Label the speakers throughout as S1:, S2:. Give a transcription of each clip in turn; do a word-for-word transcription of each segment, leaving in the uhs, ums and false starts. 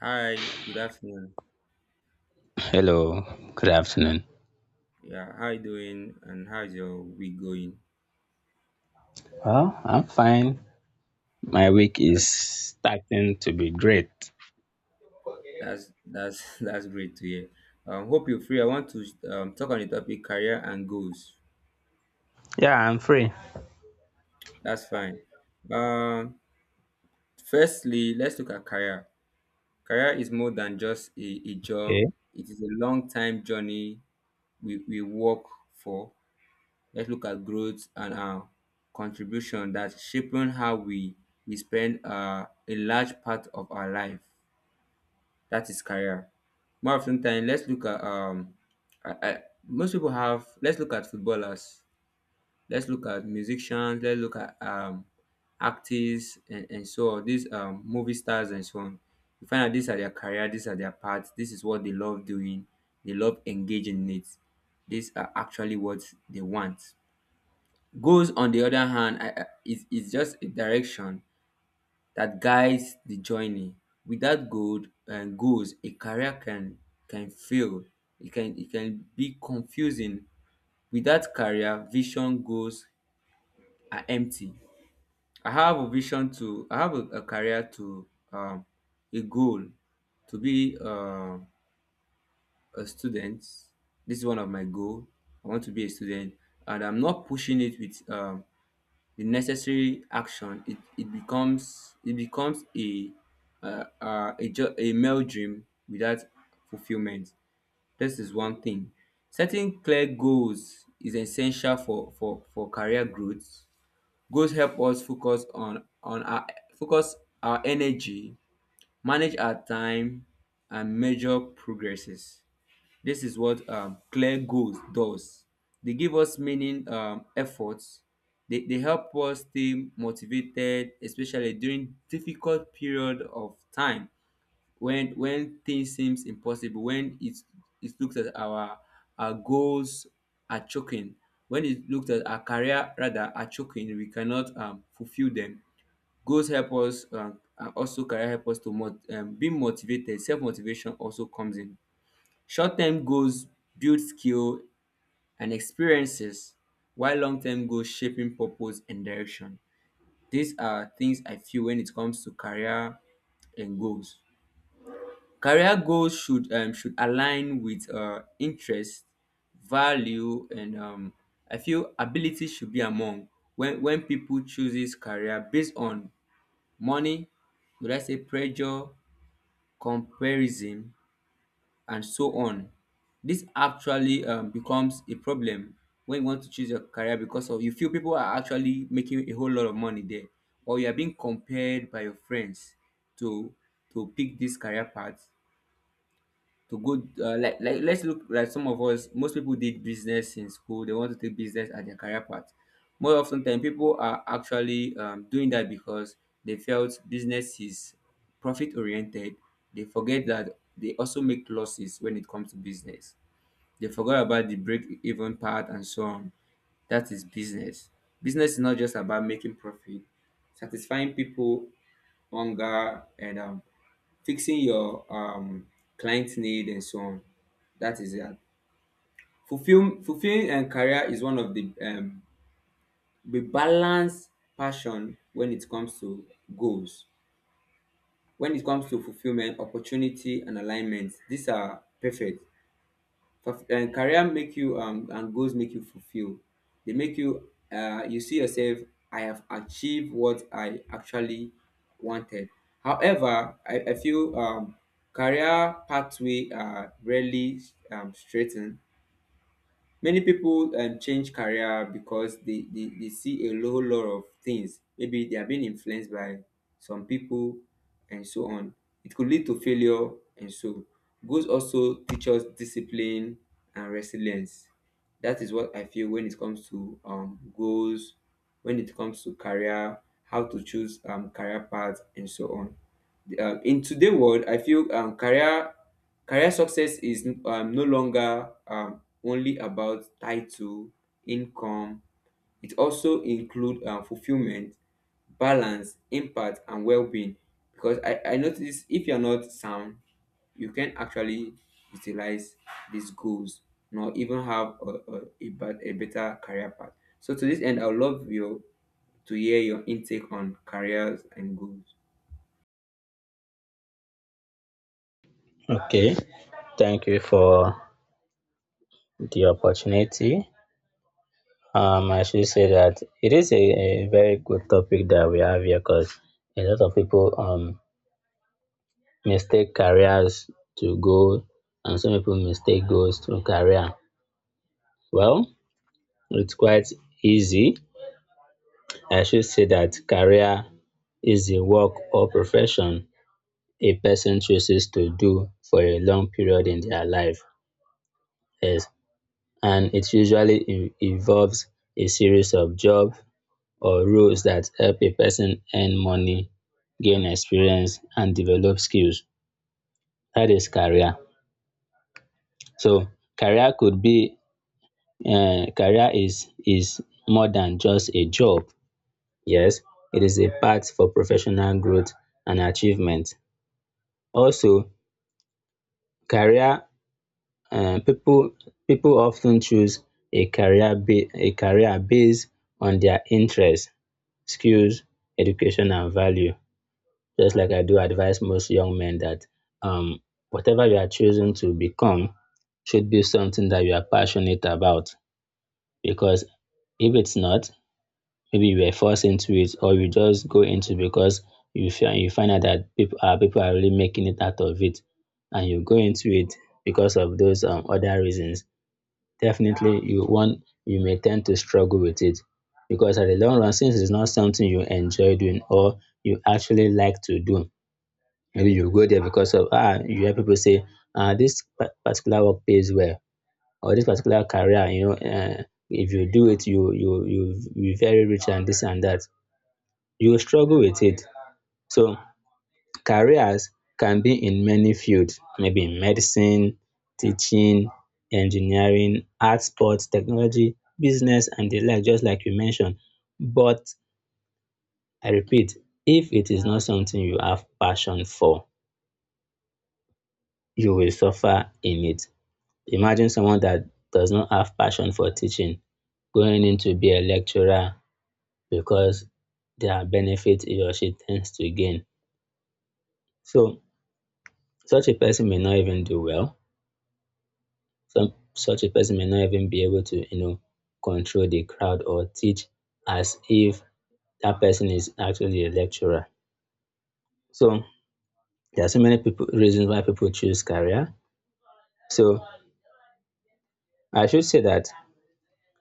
S1: Hi, good afternoon.
S2: Hello, good afternoon.
S1: Yeah, how you doing? And how's your week going?
S2: Well, I'm fine. My week is
S1: That's
S2: starting to be great.
S1: that's that's that's great to hear. Um, hope you're free. I want to um, talk on the topic career and goals.
S2: Yeah, I'm free.
S1: That's fine. Um, firstly, let's look at career. Career is more than just a, a job.
S2: Okay.
S1: It is a long time journey we, we work for. Let's look at growth and our contribution that's shaping how we we spend uh, a large part of our life. That is career. More often than let's look at um, I, I, most people have. Let's look at footballers. Let's look at musicians. Let's look at um, actors and, and so on. These um, movie stars and so on. You find out these are their career. These are their paths. This is what they love doing. They love engaging in it. These are actually what they want. Goals, on the other hand, I, I, it's, it's just a direction that guides the journey. Without goal, and goals, a career can can fail. It can it can be confusing. Without career, vision goals are empty. I have a vision to I have a, a career to um, a goal to be uh, a student. This is one of my goal. I want to be a student, and I'm not pushing it with um, the necessary action it, it becomes it becomes a uh, uh, a, ju- a male dream without fulfillment. This is one thing. Setting clear goals is essential for for for career growth. Goals help us focus on on our focus, our energy, manage our time, and measure progresses. This is what um, clear goals does. They give us meaning, um, efforts. They, they help us stay motivated, especially during difficult period of time. When when things seems impossible, when it it looks at our our goals are choking, when it looks at our career rather are choking, we cannot um, fulfill them. Goals help us um, and also career help us to mot- um, be motivated. Self motivation also comes in. Short term goals build skill and experiences, while long term goals shaping purpose and direction. These are things I feel when it comes to career and goals. Career goals should um, should align with uh, interest, value, and um, I feel ability should be among. When when people chooses career based on money, would I say pressure, comparison, and so on. This actually um, becomes a problem when you want to choose your career because of you feel people are actually making a whole lot of money there, or you are being compared by your friends to to pick this career path to go uh, like like let's look like some of us most people did business in school. They want to take business as their career path. More often than people are actually um, doing that because they felt business is profit oriented. They forget that they also make losses when it comes to business. They forgot about the break even part and so on. That is business. Business is not just about making profit, satisfying people hunger, and um, fixing your um client need and so on. That is it. Fulfill fulfilling and career is one of the um the balanced passion. When it comes to goals, when it comes to fulfillment, opportunity and alignment. These are perfect. Fulf- um, career make you um, and goals make you fulfill. They make you uh, you see yourself. I have achieved what I actually wanted. However, I, I feel um, career pathway are rarely um, straightened. Many people um, change career because they, they, they see a whole lot of things. Maybe they are being influenced by some people and so on. It could lead to failure, and so goals also teach us discipline and resilience. That is what I feel when it comes to um, goals, when it comes to career, how to choose um, career path and so on. Um, in today world I feel um, career career success is um, no longer um, only about title, income. It also include um, fulfillment, balance, impact, and well-being. Because i i notice if you're not sound you can actually utilize these goals nor even have a, a, a, bet- a better career path. So to this end I would love you to hear your intake on careers and goals.
S2: Okay. Thank you for the opportunity. Um, I should say that it is a, a very good topic that we have here, because a lot of people um mistake careers to goal, and some people mistake goals to career. Well, it's quite easy. I should say that career is a work or profession a person chooses to do for a long period in their life. Yes, and it usually in- involves a series of jobs or roles that help a person earn money, gain experience, and develop skills. That is career. So career could be um career is is more than just a job. Yes, it is a path for professional growth and achievement. Also, career uh, people people often choose a career ba- a career based on their interests, skills, education, and value. Just like I do advise most young men that um, whatever you are choosing to become should be something that you are passionate about. Because if it's not, maybe you were forced into it, or you just go into it because you find you find out that people are people are really making it out of it, and you go into it because of those um, other reasons. Definitely you want you may tend to struggle with it, because at the long run, since it's not something you enjoy doing or you actually like to do, maybe you go there because of ah you hear people say, ah this pa- particular work pays well, or this particular career, you know uh, if you do it you you you you be very rich and this and that, you will struggle with it. So careers can be in many fields, maybe in medicine, teaching, engineering, arts, sports, technology, business and the like, just like you mentioned. But I repeat, if it is not something you have passion for, you will suffer in it. Imagine someone that does not have passion for teaching going in to be a lecturer because there are benefits he or she tends to gain. So such a person may not even do well. Some Such a person may not even be able to, you know control the crowd or teach as if that person is actually a lecturer. So there are so many people reasons why people choose career. So I should say that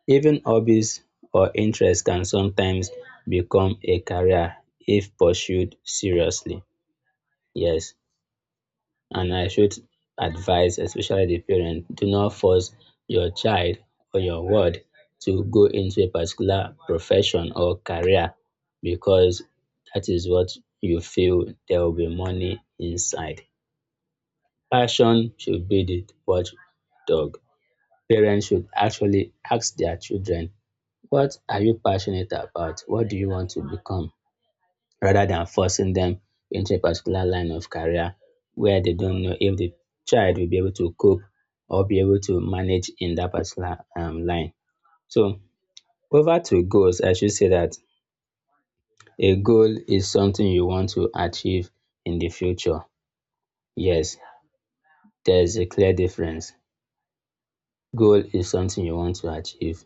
S2: even hobbies or interests can sometimes become a career if pursued seriously. Yes. And I should advise, especially the parent, do not force your child or your ward to go into a particular profession or career because that is what you feel there will be money inside. Passion should be the watchdog. Parents should actually ask their children, what are you passionate about? What do you want to become? Rather than forcing them into a particular line of career where they don't know if the child will be able to cope or be able to manage in that particular um, line. So, over to goals, I should say that a goal is something you want to achieve in the future. Yes, there's a clear difference. Goal is something you want to achieve.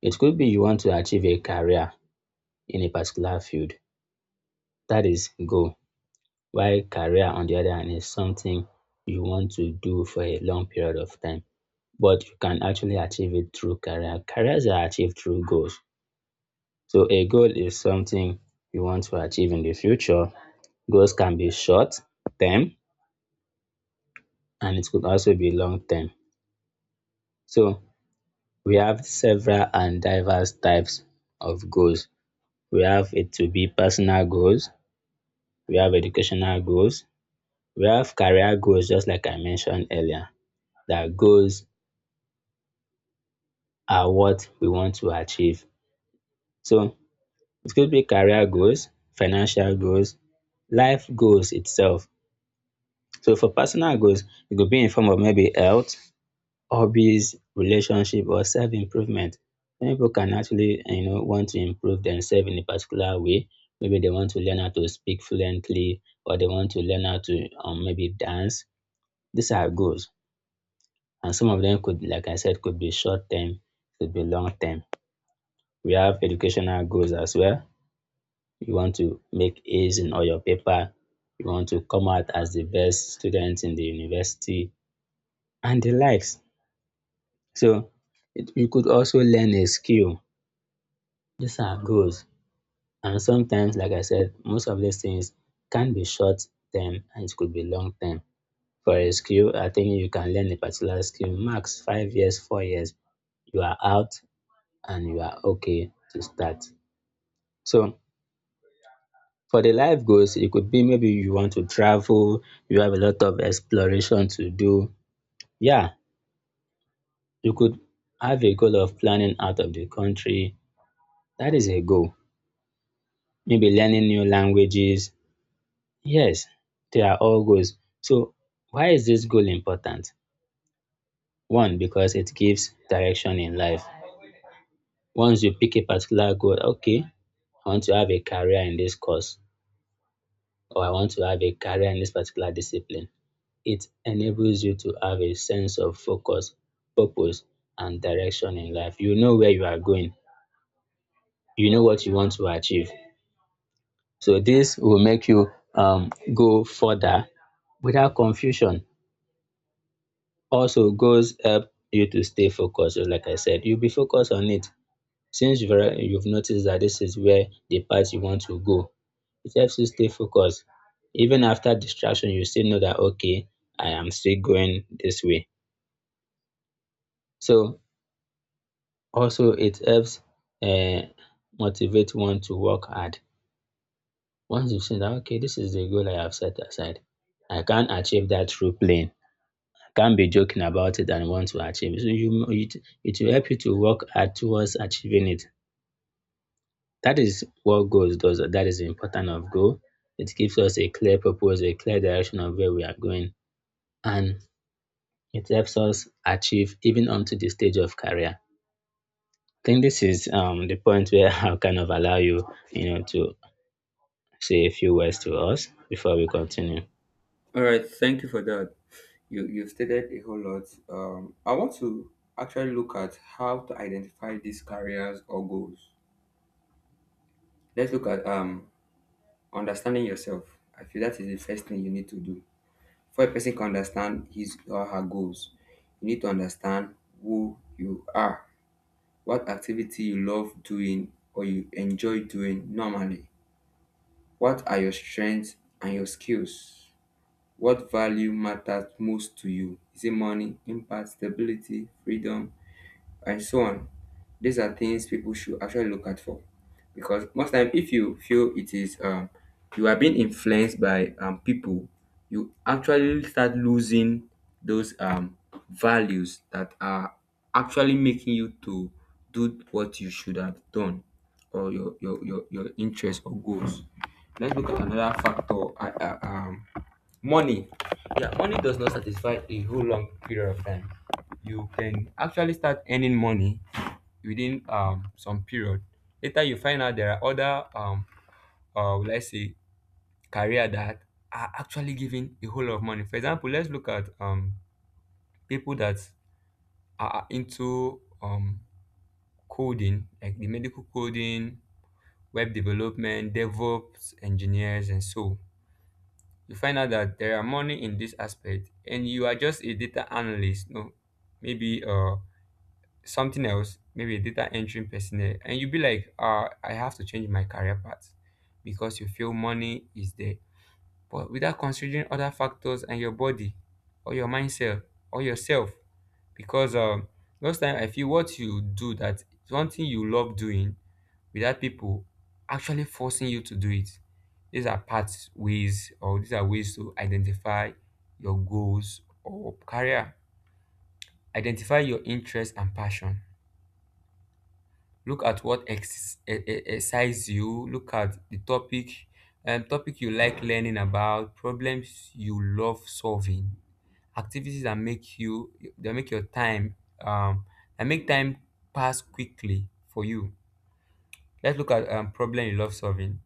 S2: It could be you want to achieve a career in a particular field. That is goal. While career on the other hand is something you want to do for a long period of time, but you can actually achieve it through career. Careers are achieved through goals. So a goal is something you want to achieve in the future. Goals can be short term, and it could also be long term. So we have several and diverse types of goals. We have it to be personal goals, we have educational goals, we have career goals, just like I mentioned earlier, that goals are what we want to achieve. So it could be career goals, financial goals, life goals itself. So for personal goals, it could be in form of maybe health, hobbies, relationship, or self-improvement. Many people can actually, you know, want to improve themselves in a particular way. Maybe they want to learn how to speak fluently, or they want to learn how to, um, maybe dance. These are goals, and some of them could, like I said, could be short term, could be long term. We have educational goals as well. You want to make A's in all your paper, you want to come out as the best student in the university, and the likes. So it, you could also learn a skill. These are goals. And sometimes, like I said, most of these things can be short term and it could be long term. For a skill, I think you can learn a particular skill max five years, four years. You are out and you are okay to start. So for the life goals, it could be maybe you want to travel, you have a lot of exploration to do. Yeah, you could have a goal of planning out of the country. That is a goal. Maybe learning new languages. Yes, they are all goals. So, why is this goal important? One, because it gives direction in life. Once you pick a particular goal, okay, I want to have a career in this course, or I want to have a career in this particular discipline. It enables you to have a sense of focus, purpose, and direction in life. You know where you are going, you know what you want to achieve. So, this will make you, um, go further without confusion. Also, goals help you to stay focused. So, like I said, you'll be focused on it since you've, alre- you've noticed that this is where the path you want to go. It helps you stay focused. Even after distraction, you still know that, okay, I am still going this way. So, also, it helps uh, motivate one to work hard. Once you've seen that, okay, this is the goal I have set aside, I can achieve that through playing. I can't be joking about it and want to achieve it. So, you, it, it will help you to work hard towards achieving it. That is what goals does. That is the importance of goal. It gives us a clear purpose, a clear direction of where we are going. And it helps us achieve even onto the stage of career. I think this is, um, the point where I'll kind of allow you, you know, to say a few words to us before we continue.
S1: All right, thank you for that. You you've stated a whole lot. Um, I want to actually look at how to identify these careers or goals. Let's look at um understanding yourself. I feel that is the first thing you need to do. For a person can understand his or her goals, you need to understand who you are, what activity you love doing or you enjoy doing normally. What are your strengths and your skills? What value matters most to you? Is it money, impact, stability, freedom, and so on? These are things people should actually look at for. Because most time, if you feel it is, um, you are being influenced by um, people, you actually start losing those um, values that are actually making you to do what you should have done, or your, your, your, your interests or goals. Let's look at another factor. I, I, um, Money. Yeah, money does not satisfy a whole long period of time. You can actually start earning money within um some period. Later, you find out there are other um uh let's say career that are actually giving a whole lot of money. For example, let's look at um people that are into um coding, like the medical coding, web development, DevOps engineers, and so you find out that there are money in this aspect and you are just a data analyst. No, maybe uh something else, maybe a data entry personnel, and you be like uh I have to change my career path because you feel money is there, but without considering other factors and your body or your mindset or yourself. Because um most time I feel what you do, that is one thing you love doing without people actually forcing you to do it. These are pathways or these are ways to identify your goals or career. Identify your interests and passion. Look at what ex- e- e- excites you. Look at the topic, um, topic you like learning about, problems you love solving, activities that make you that make your time um, that make time pass quickly for you. Let's look at um, problem you love solving.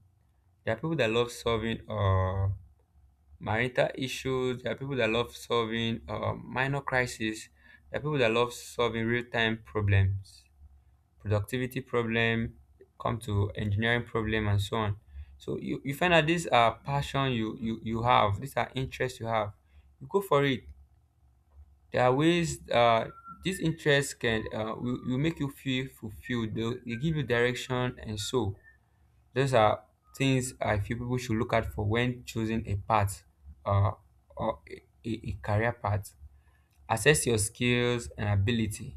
S1: There are people that love solving uh, marital issues. There are people that love solving uh, minor crises. There are people that love solving real-time problems, productivity problem, come to engineering problem, and so on. So you, you find that these are passion you, you you have. These are interests you have. You go for it. There are ways. Uh, these interests can uh, will, will make you feel fulfilled. they They give you direction and so. Those are things I feel people should look out for when choosing a path uh, or a, a a career path. Assess your skills and ability.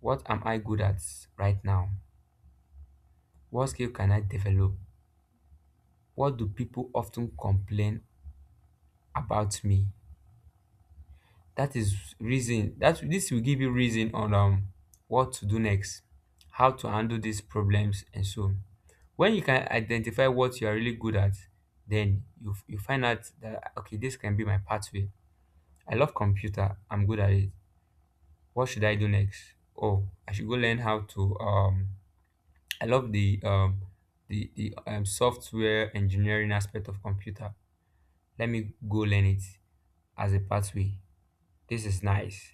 S1: What am I good at right now? What skill can I develop? What do people often complain about me? That is reason, that this will give you reason on um what to do next, how to handle these problems and so on. When you can identify what you are really good at, then you, you find out that okay, this can be my pathway. I love computer, I'm good at it. What should I do next? Oh, I should go learn how to um I love the um the, the um, software engineering aspect of computer. Let me go learn it as a pathway. This is nice.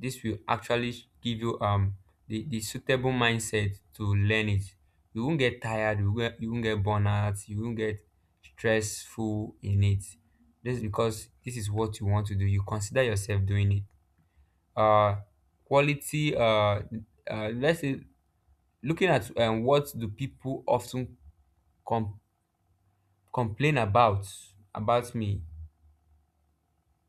S1: This will actually give you um the, the suitable mindset to learn it. You won't get tired, you won't, you won't get burnout, you won't get stressful in it. This is because this is what you want to do. You consider yourself doing it. Uh quality uh, uh Let's say looking at um, what do people often com- complain about about me.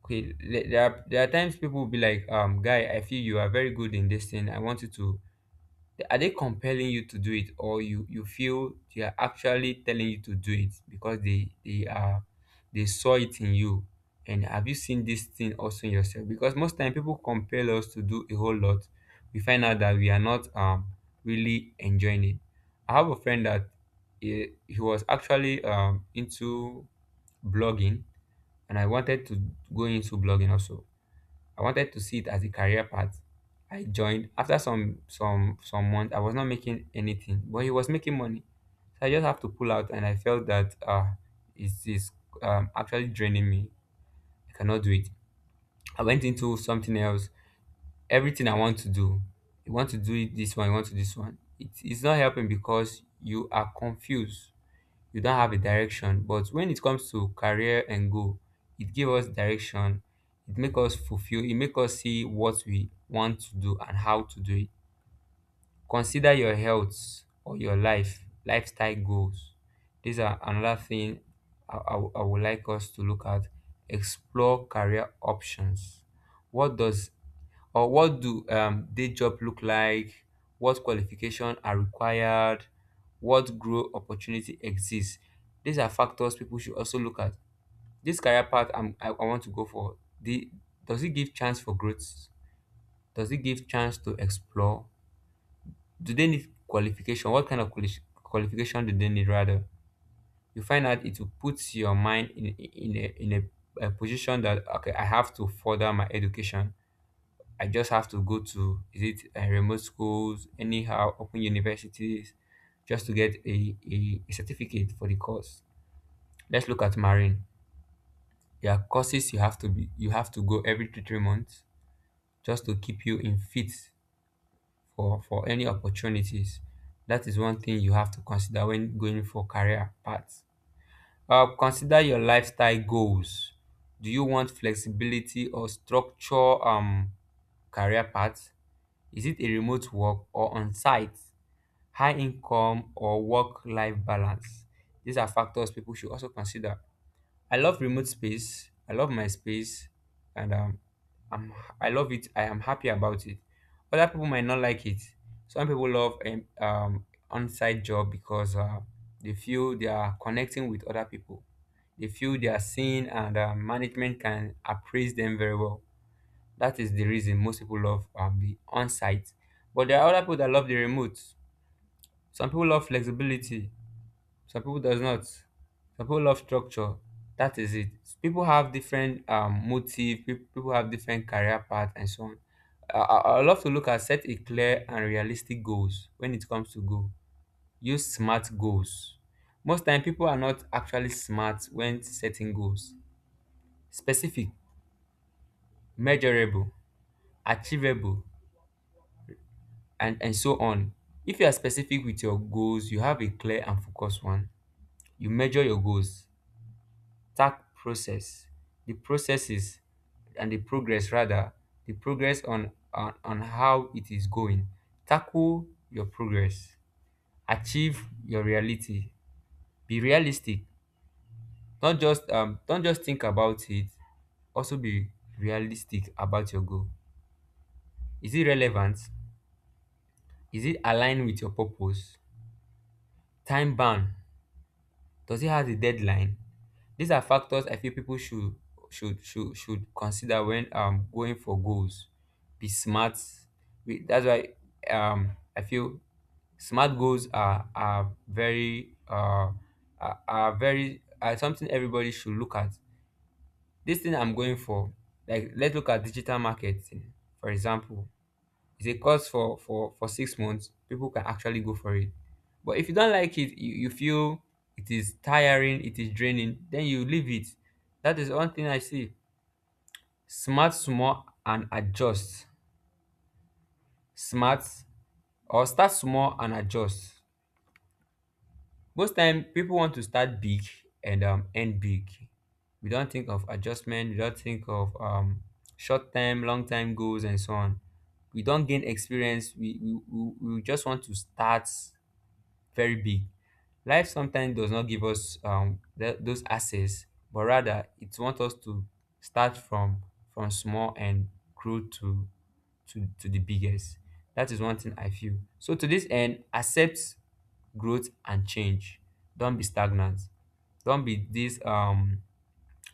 S1: Okay, le- there are, there are times people will be like, um, guy, I feel you are very good in this thing. I want you to. Are they compelling you to do it, or you you feel they are actually telling you to do it because they they are they saw it in you? And have you seen this thing also in yourself? Because most time people compel us to do a whole lot. We find out that we are not um really enjoying it. I have a friend that he, he was actually um into blogging, and I wanted to go into blogging also. I wanted to see it as a career path. I joined after some some some months. I was not making anything, but he was making money. So I just have to pull out, and I felt that uh, it is um, actually draining me. I cannot do it. I went into something else. Everything I want to do, you want to do it this one, you want to do this one. It, it's not helping because you are confused, you don't have a direction. But when it comes to career and goal, it give us direction, it make us fulfill, it make us see what we want to do and how to do it. Consider your health or your life lifestyle goals. These are another thing i, I, I would like us to look at. Explore career options. What does, or what do um, day job look like, what qualification are required, what growth opportunity exists? These are factors people should also look at. This career path I'm, I, I want to go for the, does it give chance for growth, does it give chance to explore, do they need qualification, what kind of quali- qualification do they need rather. You find out it will put your mind in in a, in a position that, okay, I have to further my education. I just have to go to, is it uh, remote schools, anyhow, open universities, just to get a, a, a certificate for the course. Let's look at marine. There are courses you have to be, you have to go every two three months just to keep you in fit for for any opportunities. That is one thing you have to consider when going for career paths. Uh, consider your lifestyle goals. Do you want flexibility or structure um career paths? Is it a remote work or on-site, high income or work-life balance? These are factors people should also consider. I love remote space. I love my space, and um, I'm I love it. I am happy about it. Other people might not like it. Some people love um, um on-site job because uh, they feel they are connecting with other people. They feel they are seen, and uh, management can appraise them very well. That is the reason most people love um, the on site. But there are other people that love the remote. Some people love flexibility. Some people does not. Some people love structure. That is it. People have different um, motive. pe- People have different career path and so on. I, I I love to look at set a clear and realistic goals when it comes to goal. Use smart goals. Most time people are not actually smart when setting goals. Specific, measurable, achievable, and and so on. If you are specific with your goals, you have a clear and focused one. You measure your goals, task process, the processes, and the progress rather, the progress on on, on how it is going. Tackle your progress, achieve your reality, be realistic. Don't just um don't just think about it, also be realistic about your goal. Is it relevant, is it aligned with your purpose? Time bound, does it have a deadline? These are factors I feel people should should should should consider when um going for goals. Be smart. We, that's why um I feel smart goals are are very uh are, are very are something everybody should look at. This thing I'm going for, like let's look at digital marketing, for example, it's a course for for for six months. People can actually go for it, but if you don't like it, you, you feel it is tiring, it is draining, then you leave it. That is one thing I see: smart small and adjust, smart, or start small and adjust. Most time people want to start big and um, end big. We don't think of adjustment, we don't think of um, short term long term goals and so on. We don't gain experience, we, we, we we just want to start very big. Life sometimes does not give us um, th- those access, but rather it wants us to start from from small and grow to, to to the biggest. That is one thing I feel. So to this end, accept growth and change. Don't be stagnant. Don't be this um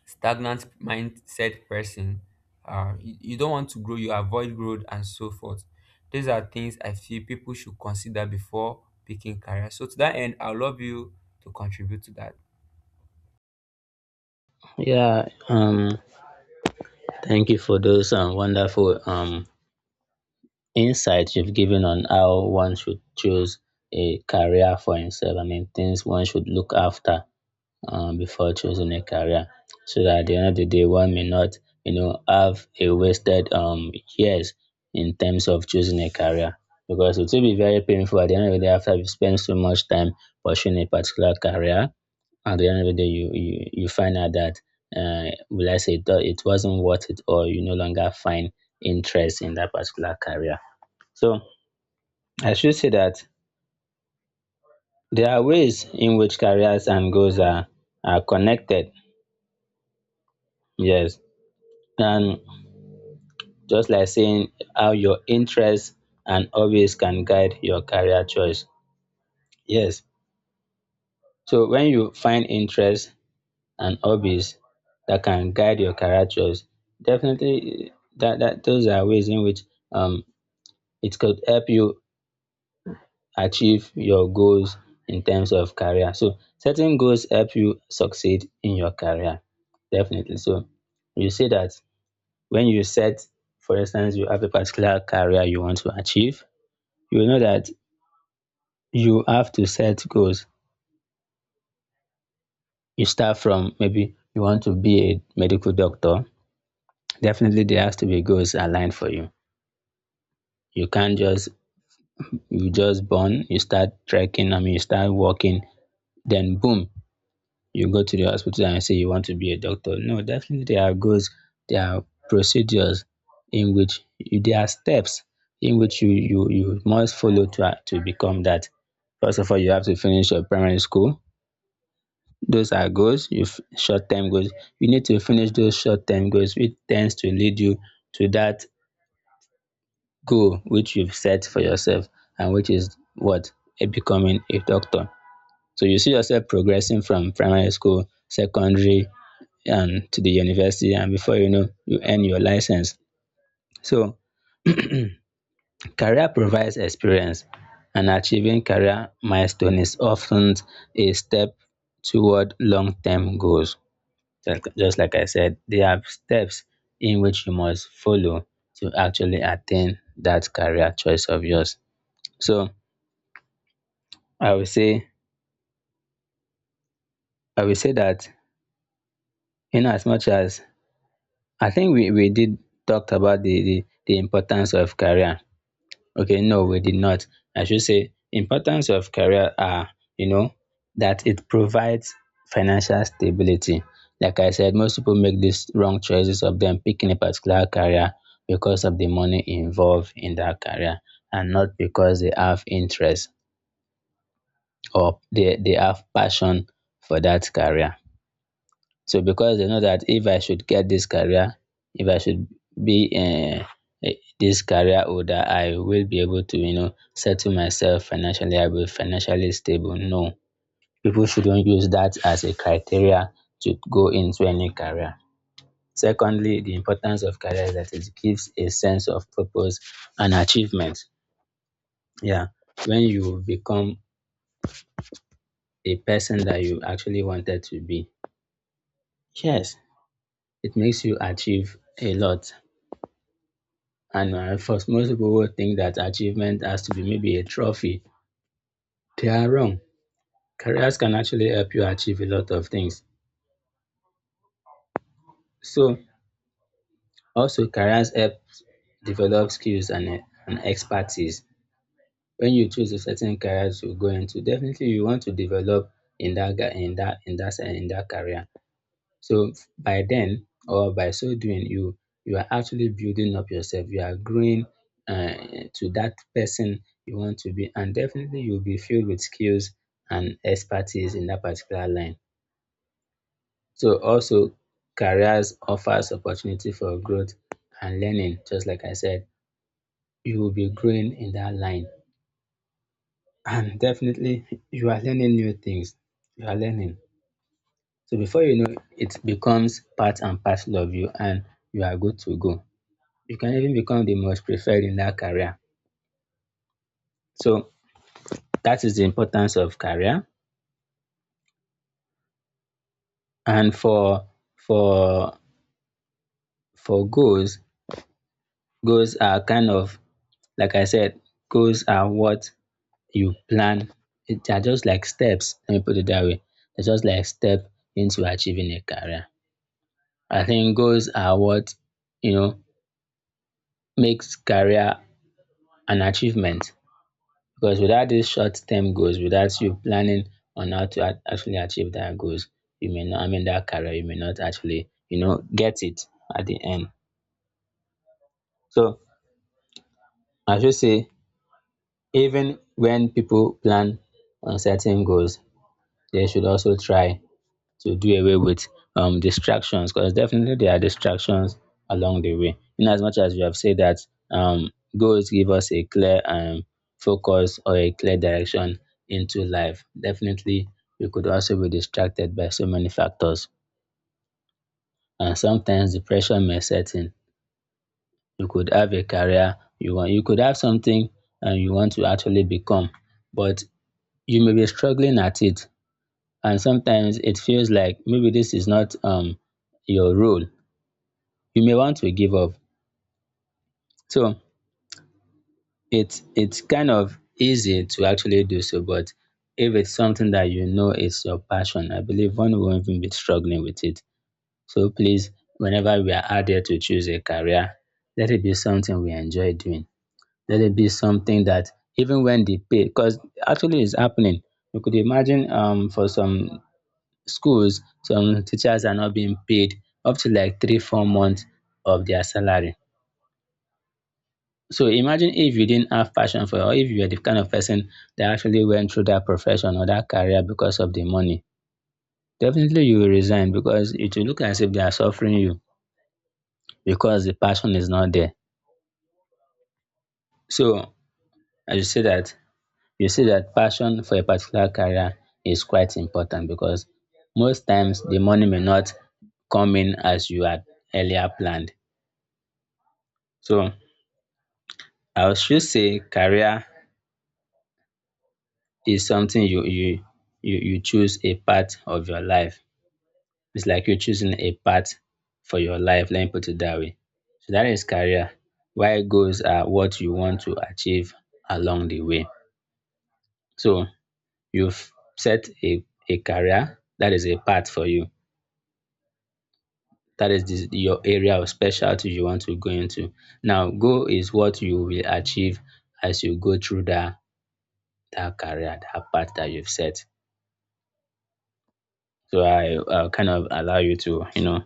S1: stagnant mindset person. Uh, you, you don't want to grow, you avoid growth and so forth. These are things I feel people should consider before picking career. So to that end, I will love you to contribute to that.
S2: Yeah, um, thank you for those um, wonderful um, insights you've given on how one should choose a career for himself. I mean, things one should look after, um, before choosing a career. So that at the end of the day, one may not, you know, have a wasted um, years in terms of choosing a career. Because it will be very painful at the end of the day after you spend so much time pursuing a particular career. At the end of the day, you you, you find out that, uh, will I say, it, it wasn't worth it, or you no longer find interest in that particular career. So I should say that there are ways in which careers and goals are are connected. Yes, and just like saying how your interests and hobbies can guide your career choice. Yes. So when you find interests and hobbies that can guide your career choice, definitely, eh, that, that those are ways in which um it could help you achieve your goals in terms of career. So setting goals help you succeed in your career. Definitely. So you see that when you set, for instance, you have a particular career you want to achieve, you know that you have to set goals. You start from maybe you want to be a medical doctor. Definitely there has to be goals aligned for you. You can't just you just born, you start trekking, I mean you start walking, then boom, you go to the hospital and say you want to be a doctor. No, definitely there are goals, there are procedures in which you, there are steps in which you you you must follow to to become that. First of all, you have to finish your primary school. Those are goals, you f- short-term goals. You need to finish those short-term goals, which tends to lead you to that goal which you've set for yourself, and which is what, Eh, becoming a doctor. So you see yourself progressing from primary school, secondary, and to the university, and before you know, you earn your license. So career provides experience, and achieving career milestone is often a step toward long-term goals. Just just like I said, there are steps in which you must follow to actually attain that career choice of yours. So I will say I will say that in as much as I think we, we did talked about the, the, the importance of career. Okay, no, we did not. I should say importance of career are, you know, that it provides financial stability. Like I said, most people make these wrong choices of them picking a particular career because of the money involved in that career and not because they have interest or they, they have passion for that career. So because they know that if I should get this career, if I should be uh, eh, this career holder, I will be able to, you know, settle myself financially. I will be financially stable. No, people shouldn't use that as a criteria to go into any career. Secondly, the importance of career is that it gives a sense of purpose and achievement. Yeah, when you become a person that you actually wanted to be, yes, it makes you achieve a lot. And uh, first, most people will think that achievement has to be maybe a trophy. They are wrong. Careers can actually help you achieve a lot of things. So, also, careers help develop skills and, eh, and expertise. When you choose a certain career to go into, definitely you want to develop in that ga- in that in that se- in that career. So by then or by so doing, you you are actually building up yourself. You are growing uh, to that person you want to be, and definitely you'll be filled with skills and expertise in that particular line. So also careers offers opportunity for growth and learning. Just like I said, you will be growing in that line, and definitely you are learning new things. You are learning. So before you know, it becomes part and parcel of you, and you are good to go. You can even become the most preferred in that career. So that is the importance of career. And for for for goals, goals are kind of, like I said, goals are what you plan. It They are just like steps. Let me put it that way. They're just like step into achieving a career. I think goals are what, you know, makes career an achievement, because without these short-term goals, without you planning on how to ac- actually achieve that goals, you may not, I mean, that career, you may not actually, you know, get it at the end. So I should say, even when people plan on certain goals, they should also try to do away with um, distractions, because definitely there are distractions along the way. In as much as we have said that um, goals give us a clear um, focus or a clear direction into life, definitely we could also be distracted by so many factors. And sometimes depression may set in. You could have a career you want, you could have something and you want to actually become, but you may be struggling at it. And sometimes it feels like maybe this is not um, your role, you may want to give up. So it's it's kind of easy to actually do so, but if it's something that you know is your passion, I believe one won't even be struggling with it. So please, whenever we are out there to choose a career, let it be something we enjoy doing, let it be something that, even when the pay, because actually it's happening, you could imagine um for some schools, some teachers are not being paid up to like three four months of their salary. So imagine if you didn't have passion for it, or if you were the kind of person that actually went through that profession or that career because of the money. Definitely you will resign because it will look as if they are suffering you, because the passion is not there. So as you see that, you see that passion for a particular career is quite important, because most times the money may not come in as you had earlier planned. So I should say career is something you you you you choose a part of your life. It's like you're choosing a path for your life. Let me put it that way. So that is career. Why goals are what you want to achieve along the way. So you've set a, a career that is a path for you. That is this, your area of specialty you want to go into. Now, goal is what you will achieve as you go through that that career, that path that you've set. So I uh, kind of allow you to, you know,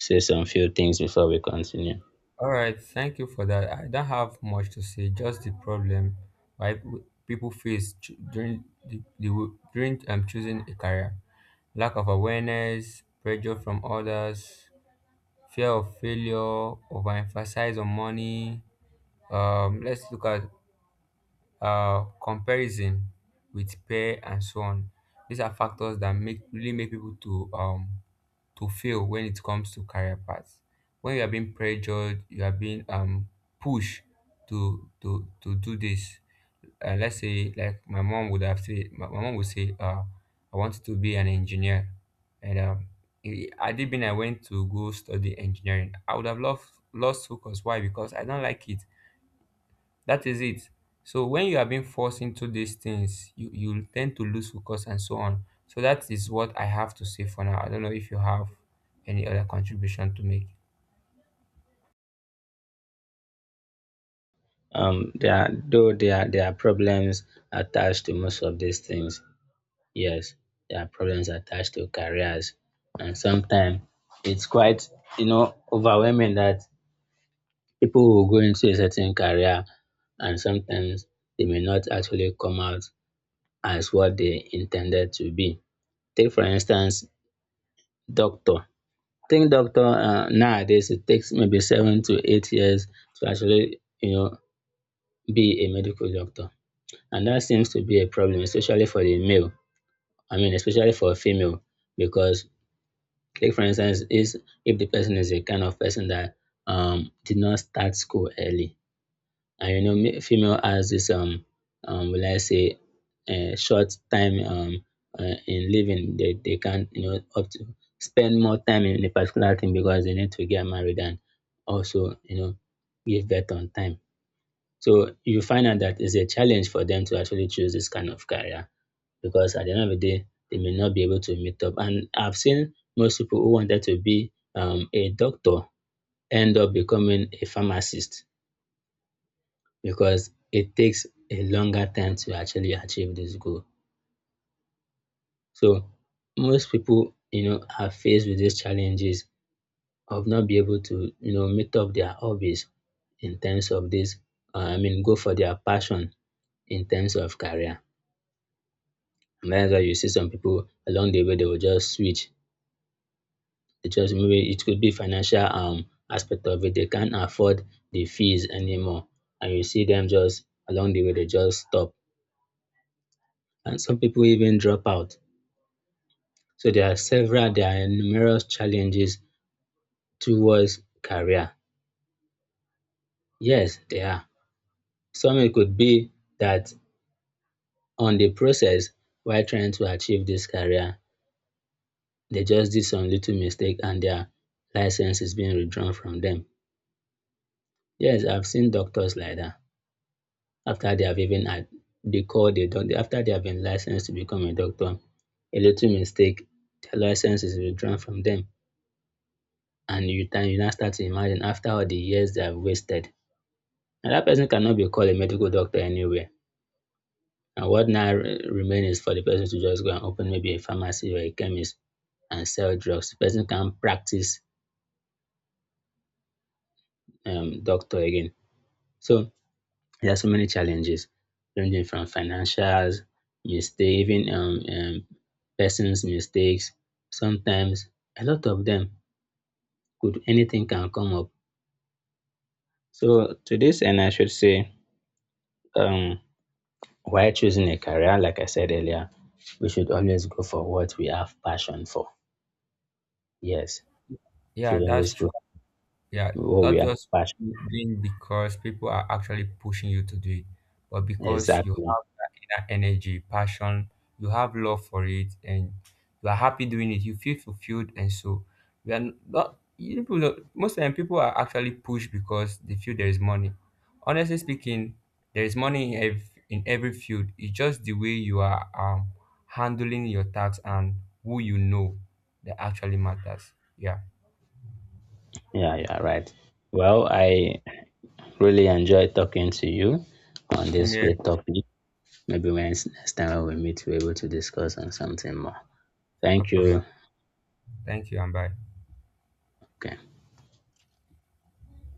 S2: say some few things before we continue.
S1: All right, thank you for that. I don't have much to say, just the problem why p- people face ch- during the, the w- during um, choosing a career: lack of awareness, pressure from others, fear of failure, overemphasize on money, um let's look at uh, comparison with peer and so on. These are factors that make really make people to um to fail when it comes to career paths. When you are being pressured, you are being um pushed to to to do this. Uh, let's say like my mom would have said, my, my mom would say uh I wanted to be an engineer, and um i- had it been I went to go study engineering, I would have loved lost focus. Why? Because I don't like it. That is it. So when you are being forced into these things, you you tend to lose focus and so on. So that is what I have to say for now. I don't know if you have any other contribution to make.
S2: Um, there are, though there are, there are problems attached to most of these things. Yes, there are problems attached to careers, and sometimes it's quite, you know, overwhelming that people will go into a certain career, and sometimes they may not actually come out as what they intended to be. Take for instance, doctor. Think doctor, uh, nowadays it takes maybe seven to eight years to actually, you know, be a medical doctor. And that seems to be a problem, especially for the male. I mean, especially for a female, because like for instance, is if the person is a kind of person that um did not start school early, and you know, ma- female has this um um will I say uh, short time um uh, in living, they they can, you know, up to spend more time in a particular thing because they need to get married and also, you know, give birth on time. So you find out that it's a challenge for them to actually choose this kind of career because at the end of the day, they may not be able to meet up. And I've seen most people who wanted to be um, a doctor end up becoming a pharmacist because it takes a longer time to actually achieve this goal. So most people, you know, are faced with these challenges of not be able to, you know, meet up their hobbies in terms of this. Uh, I mean, go for their passion in terms of career. And that's why you see some people along the way they will just switch it, just maybe it could be financial um aspect of it. They can't afford the fees anymore. And you see them just along the way, they just stop. And some people even drop out. So there are several, there are numerous challenges towards career. Yes, there are. Some it could be that on the process while trying to achieve this career, they just did some little mistake and their license is being withdrawn from them. Yes, I've seen doctors like that. After they have even had the call they done, after they have been licensed to become a doctor, a little mistake, their license is withdrawn from them, and you time you now start to imagine, after all the years they have wasted, now that person cannot be called a medical doctor anywhere, and what now remains is for the person to just go and open maybe a pharmacy or a chemist and sell drugs. The person can't practice um, doctor again. So there are so many challenges ranging from financials, mistakes, even um, um, person's mistakes. Sometimes a lot of them could, anything can come up. So to this end, I should say, um, while choosing a career, like I said earlier, we should always go for what we have passion for. Yes, should
S1: Yeah, that's
S2: always
S1: true.
S2: go
S1: Yeah,
S2: for what we
S1: not
S2: have
S1: just
S2: passion.
S1: doing because people are actually pushing you to do it, but because you
S2: Exactly.
S1: have that inner energy, passion, you have love for it, and you are happy doing it. You feel fulfilled, and so we are not. You People, don't- most time, people are actually pushed because they feel there is money. Honestly speaking, there is money in every, in every field. It's just the way you are um, handling your tasks and who you know that actually matters. Yeah,
S2: Yeah, you are right. Well, I really enjoyed talking to you on
S1: same
S2: this
S1: here,
S2: great topic. Maybe when next time we meet, we're able to discuss on something more.
S1: no
S2: Thank
S1: problem.
S2: you.
S1: Thank you and bye.
S2: Okay.